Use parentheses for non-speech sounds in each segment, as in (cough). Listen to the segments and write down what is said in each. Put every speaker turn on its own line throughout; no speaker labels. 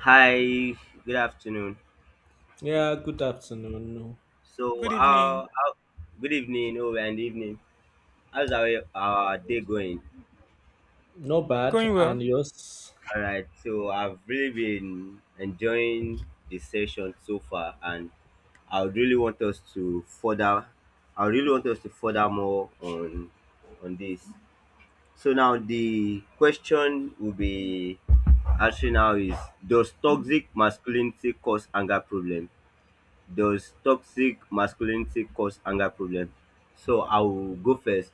Hi, good afternoon.
Yeah, good afternoon.
So,
Good evening.
good evening, oh, and evening. How's our day going?
No bad,
Going well.
and yours?
All right, so I've really been enjoying the session so far, and I would really want us to further, I would really want us to further more on this. So now the question will be actually now is, does toxic masculinity cause anger problem? Does toxic masculinity cause anger problem? So I will go first.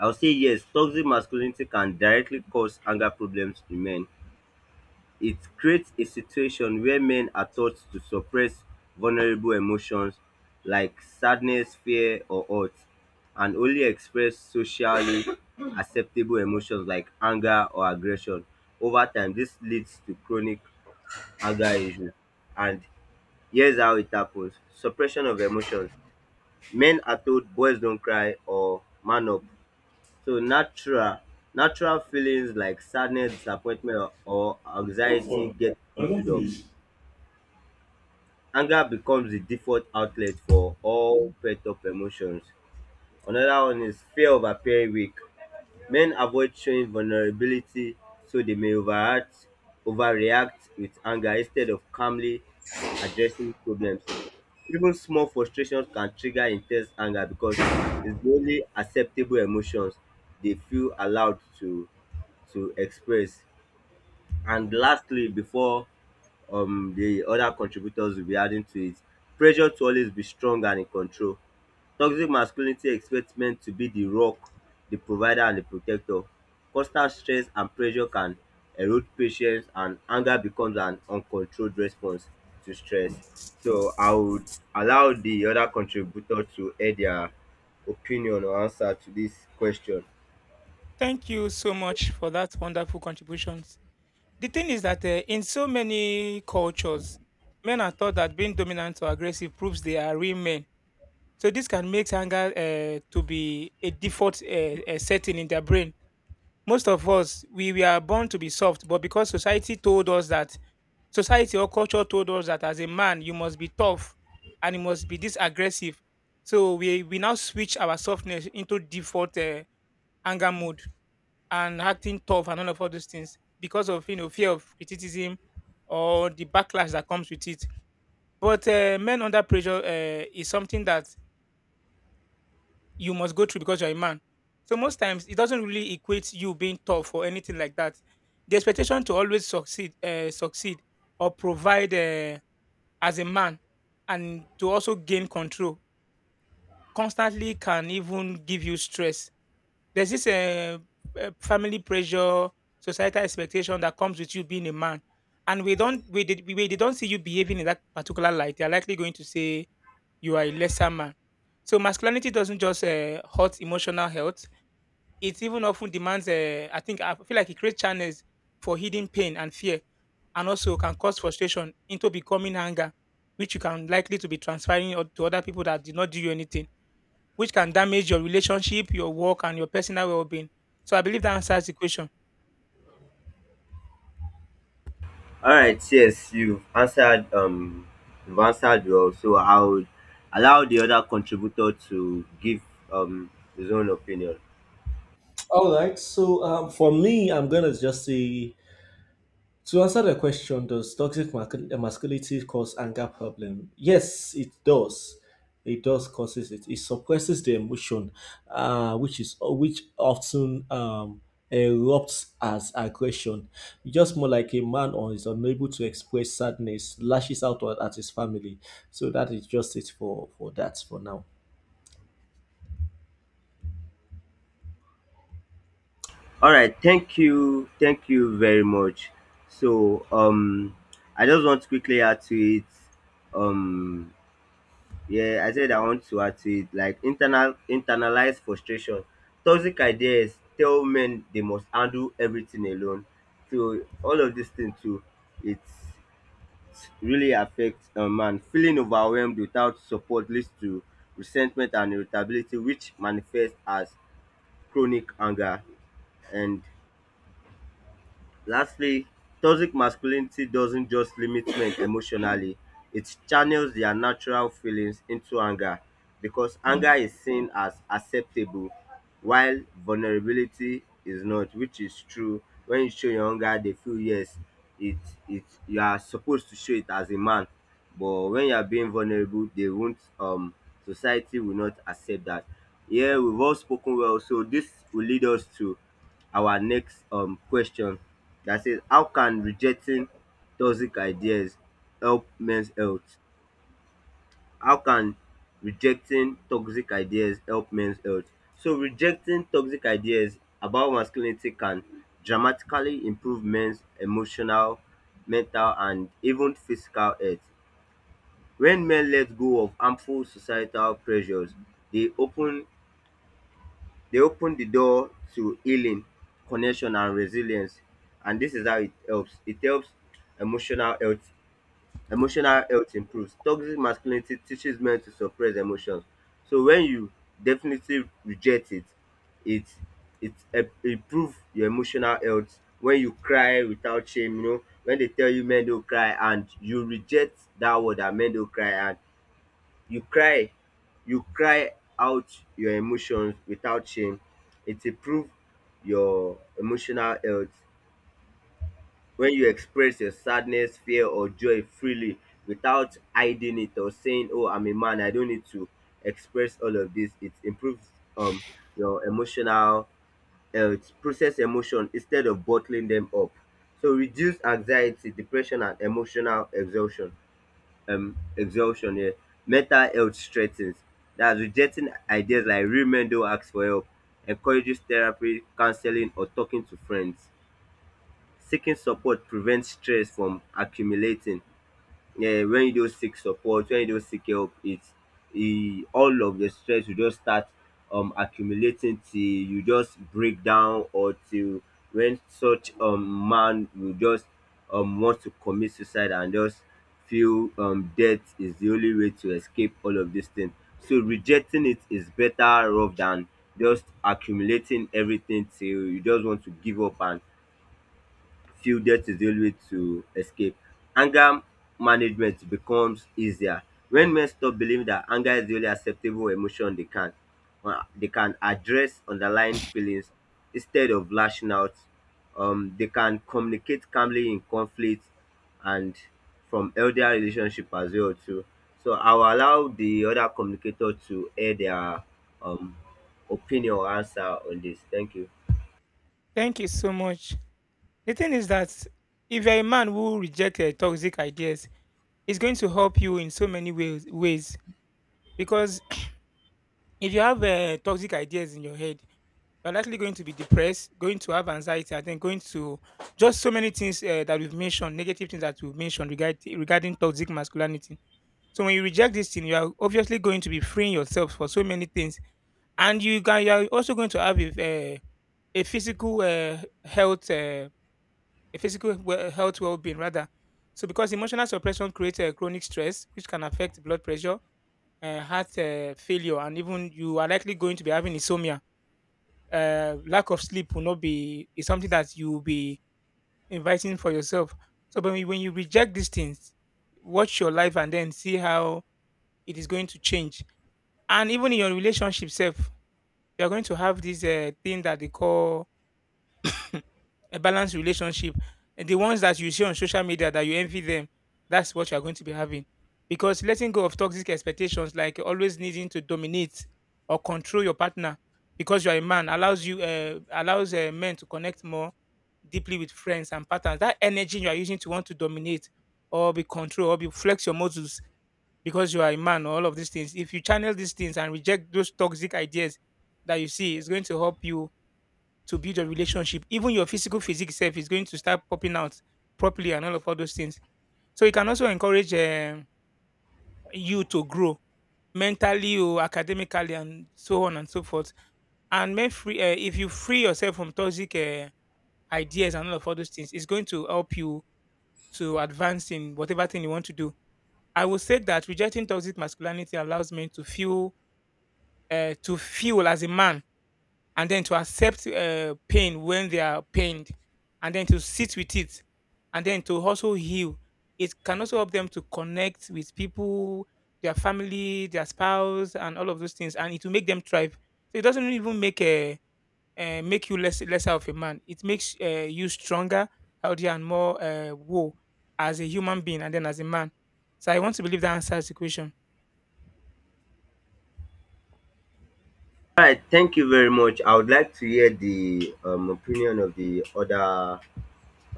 I'll say yes, toxic masculinity can directly cause anger problems in men. It creates a situation where men are taught to suppress vulnerable emotions like sadness, fear, or hurt, and only express socially (coughs) acceptable emotions like anger or aggression. Over time, this leads to chronic anger issues. And here's how it happens. Suppression of emotions. Men are told boys don't cry or man up. So natural feelings like sadness, disappointment or
How
anxiety
far?
get
I don't
bottled up.
finish.
Anger becomes the default outlet for all pent up emotions. Another one is fear of appearing weak. Men avoid showing vulnerability, so they may overreact with anger instead of calmly addressing problems. Even small frustrations can trigger intense anger because it's the only acceptable emotions they feel allowed to express. And lastly, before the other contributors will be adding to it, pressure to always be strong and in control. Toxic masculinity expects men to be the rock, the provider, and the protector. Constant stress and pressure can erode patience, and anger becomes an uncontrolled response to stress. So I would allow the other contributor to add their opinion or answer to this question.
Thank you so much for that wonderful contributions. The thing is that in so many cultures, men are taught that being dominant or aggressive proves they are real men. So this can make anger to be a default setting in their brain. Most of us, we are born to be soft, but because society told us that, society or culture told us that as a man, you must be tough and you must be this aggressive. So we now switch our softness into default. Anger mode and acting tough and all of all those things because of fear of criticism or the backlash that comes with it. But men under pressure is something that you must go through because you're a man. So most times it doesn't really equate you being tough or anything like that. The expectation to always succeed, succeed or provide as a man, and to also gain control constantly can even give you stress. There's this family pressure, societal expectation that comes with you being a man. And we don't we did we, they don't see you behaving in that particular light. They're likely going to say you are a lesser man. So masculinity doesn't just hurt emotional health. It even often demands, I feel like it creates channels for hidden pain and fear, and also can cause frustration into becoming anger, which you can likely to be transferring to other people that did not do you anything, which can damage your relationship, your work, and your personal well being. So I believe that answers the question.
All right, yes, you've answered. You've answered well. So I would allow the other contributor to give um his own opinion.
All right, so for me, I'm gonna just say to answer the question, does toxic masculinity cause anger problem? Yes, it does. It does causes it. It suppresses the emotion, which often erupts as aggression. Just more like a man or is unable to express sadness, lashes out at his family. So that is just it for that for now.
All right, thank you very much. So, I just want to quickly add to it. Um, yeah, I said I want to add to it, like internalized frustration. Toxic ideas tell men they must handle everything alone. So all of this thing too, it's it really affects a man. Feeling overwhelmed without support leads to resentment and irritability, which manifests as chronic anger. And lastly, toxic masculinity doesn't just limit men emotionally, it channels their natural feelings into anger because anger is seen as acceptable while vulnerability is not, which is true. When you show your anger, they feel yes, it it you are supposed to show it as a man. But when you are being vulnerable, they won't, society will not accept that. Yeah, we've all spoken well, so this will lead us to our next question that says, how can rejecting toxic ideas help men's health? How can rejecting toxic ideas help men's health? So rejecting toxic ideas about masculinity can dramatically improve men's emotional, mental and even physical health. When men let go of harmful societal pressures, they open they open the door to healing, connection, and resilience. And this is how it helps. It helps emotional health. Emotional health improves. Toxic masculinity teaches men to suppress emotions. So when you definitely reject it, it it help improve your emotional health. When you cry without shame, you know, when they tell you men don't cry and you reject that word that men don't cry, and you cry you cry out your emotions without shame, it improve your emotional health. When you express your sadness, fear or joy freely without hiding it or saying, oh, I'm a man, I don't need to express all of this, it improves um your emotional health. Process emotion instead of bottling them up, so reduce anxiety, depression and emotional exhaustion, exhaustion here mental health strengthens. That's rejecting ideas like real men don't ask for help, encourages therapy, counseling or talking to friends. Seeking support prevents stress from accumulating. Yeah, when you don't seek support, when you don't seek help, it's e all of the stress will just start accumulating till you just break down, or till when such man will just want to commit suicide and just feel death is the only way to escape all of this thing. So rejecting it is better off than just accumulating everything till you just want to give up and fielded is the only way to escape. Anger management becomes easier. When men stop believing that anger is the only acceptable emotion, they can address underlying feelings instead of lashing out. They can communicate calmly in conflict and from healthy relationship as well too. So I will allow the other communicator to air their um opinion or answer on this. Thank you.
Thank you so much. The thing is that if you're a man who rejected toxic ideas, it's going to help you in so many ways. Because (clears throat) if you have toxic ideas in your head, you're likely going to be depressed, going to have anxiety, and then going to just so many things that we've mentioned, negative things that we've mentioned regarding toxic masculinity. So when you reject this thing, you are obviously going to be freeing yourself for so many things, and you are also going to have a physical health a physical health well-being rather, so because emotional suppression creates chronic stress which can affect blood pressure, heart failure, and even you are likely going to be having insomnia. Lack of sleep will not be Is something that you will be inviting for yourself. So when you reject these things, watch your life and then see how it is going to change. And even in your relationship self, you're going to have this thing that they call a balanced relationship. And the ones that you see on social media that you envy them, that's what you're going to be having. Because letting go of toxic expectations, like always needing to dominate or control your partner because you're a man, allows men to connect more deeply with friends and partners. That energy you are using to want to dominate or be control or be flex your muscles because you are a man or all of these things. If you channel these things and reject those toxic ideas that you see, it's going to help you to build your relationship. Even your physical physique self is going to start popping out properly and all of all those things. So it can also encourage you to grow mentally or academically and so on and so forth. And if you free yourself from toxic ideas and all of all those things, it's going to help you to advance in whatever thing you want to do. I would say that rejecting toxic masculinity allows men to feel as a man, and then to accept pain when they are pained, and then to sit with it, and then to also heal. It can also help them to connect with people, their family, their spouse, and all of those things, and it will make them thrive. So it doesn't even make you lesser of a man. It makes you stronger, healthier, and more whole as a human being and then as a man. So I want to believe that answers the question.
Right, thank you very much. I would like to hear the opinion of the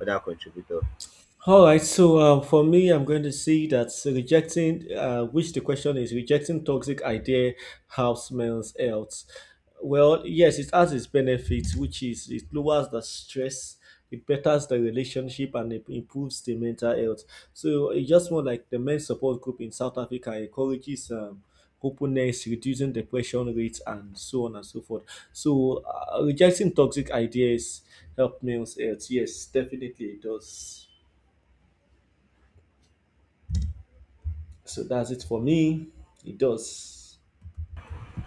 other contributor.
All right, so for me, I'm going to see that rejecting, which the question is, rejecting toxic idea, how smells health. Well, yes, it has its benefits, which is it lowers the stress, it betters the relationship, and it improves the mental health. So it just more like the men's support group in South Africa encourages openness, reducing depression rates, and so on and so forth. So rejecting toxic ideas help males health. Yes, definitely it does. So that's it for me. It does.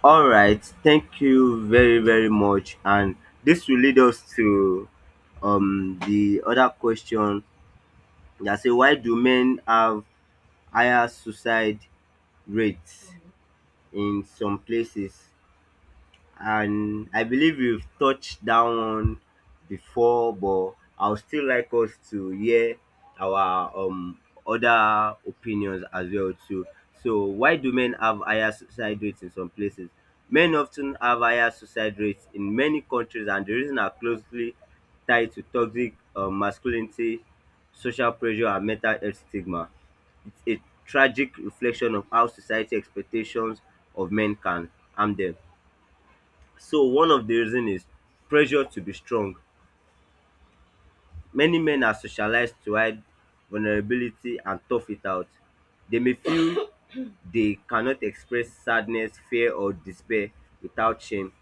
All right, thank you very very much, and this will lead us to the other question that say, why do men have higher suicide rates in some places? And I believe you've touched down on before, but I would still like us to hear our other opinions as well too. So why do men have higher suicide rates in some places? Men often have higher suicide rates in many countries, and the reason are closely tied to toxic masculinity, social pressure, and mental health stigma. It's a tragic reflection of how society expectations of men can harm them. So one of the reason is pressure to be strong. Many men are socialized to hide vulnerability and tough it out. They may feel they cannot express sadness, fear, or despair without shame.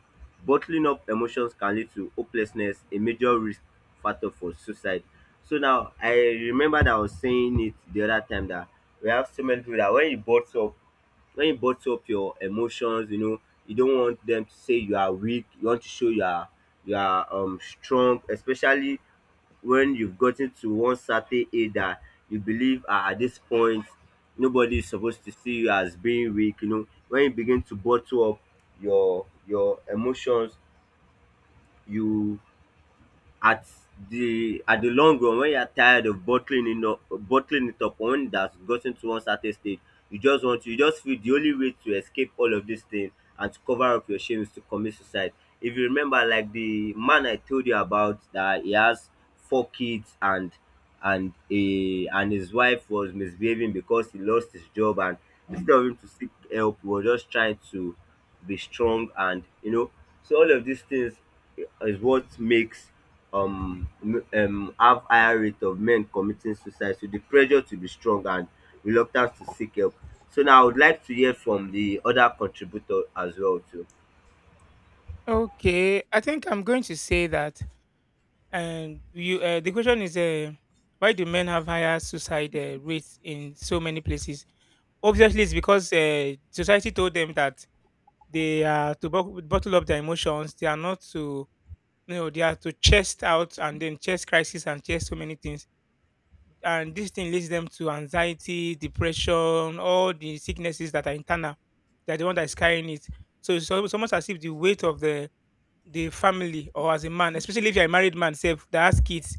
Bottling up emotions can lead to hopelessness, a major risk factor for suicide. So now I remember that I was saying it the other time that we have so many people that when you bottle up your emotions, you know, you don't want them to say you are weak. You want to show you are strong, especially when you've gotten to one certain age that you believe, at this point nobody is supposed to see you as being weak. You know, when you begin to bottle up your emotions, you at at the long run, when you are tired of bottling it up or when it has gotten to one certain stage, you just feel the only way to escape all of this thing and to cover up your shame is to commit suicide. If you remember, like the man I told you about, that he has four kids and a and his wife was misbehaving because he lost his job, and instead of him to seek help, he was just trying to be strong, and you know, so all of these things is what makes have higher rate of men committing suicide. So the pressure to be strong and reluctance to seek help. So now I would like to hear from the other contributor as well too.
Okay, I think I'm going to say that. And you, the question is, why do men have higher suicide rates in so many places? Obviously, it's because society told them that they are to bottle up their emotions. They are not to, you know, they are to chest out and then chest crisis and chest so many things. And this thing leads them to anxiety, depression, all the sicknesses that are internal. They're the one that is carrying it. So it's almost as if the weight of the family, or as a man, especially if you're a married man, self that has kids,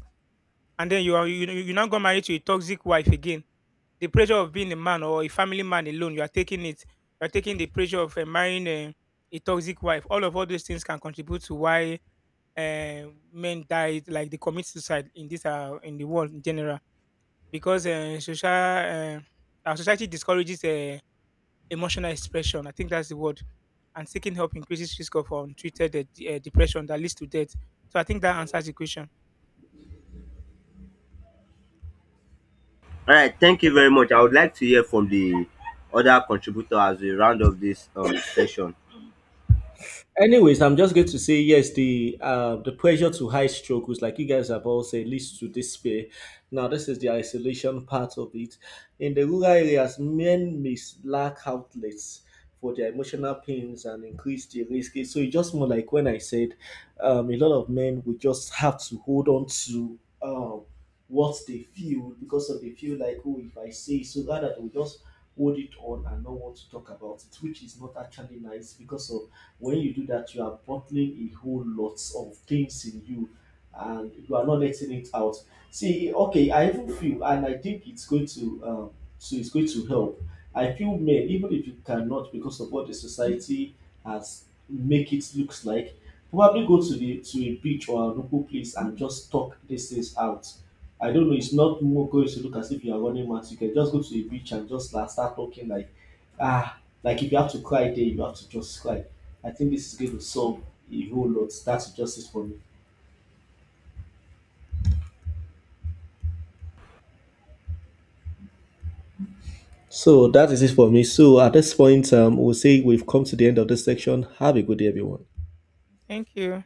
and then you now got married to a toxic wife. Again, the pressure of being a man or a family man alone, you are taking it. You are taking the pressure of marrying a toxic wife. All of all those things can contribute to why uh, men died, like they commit suicide in this, in the world in general, because social our society discourages emotional expression. I think that's the word. And seeking help increases risk of untreated depression that leads to death. So I think that answers the question.
All right, thank you very much. I would like to hear from the other contributor as we round up this session.
Anyways, I'm just going to say yes. The pressure to high stroke, which like you guys have all said, leads to despair. Now, this is the isolation part of it. In the rural areas, men may lack outlets for their emotional pains and increase the risk. So it's just more like when I said, a lot of men will just have to hold on to what they feel because of they feel like, oh, if I say so, rather they will just hold it on and not want to talk about it, which is not actually nice because of when you do that, you are bottling a whole lot of things in you and you are not letting it out. See, okay, I even feel, and I think it's going to, so it's going to help. I feel men, even if you cannot, because of what the society has make it looks like, probably go to the to a beach or a local place and just talk these things out. I don't know. It's not more going to look as if you are running mad. You can just go to a beach and just like, start talking like ah, like if you have to cry there, you have to just cry. I think this is going to solve a whole lot. That's just it for me. So that is it for me. So at this point, we'll say we've come to the end of this section. Have a good day, everyone.
Thank you.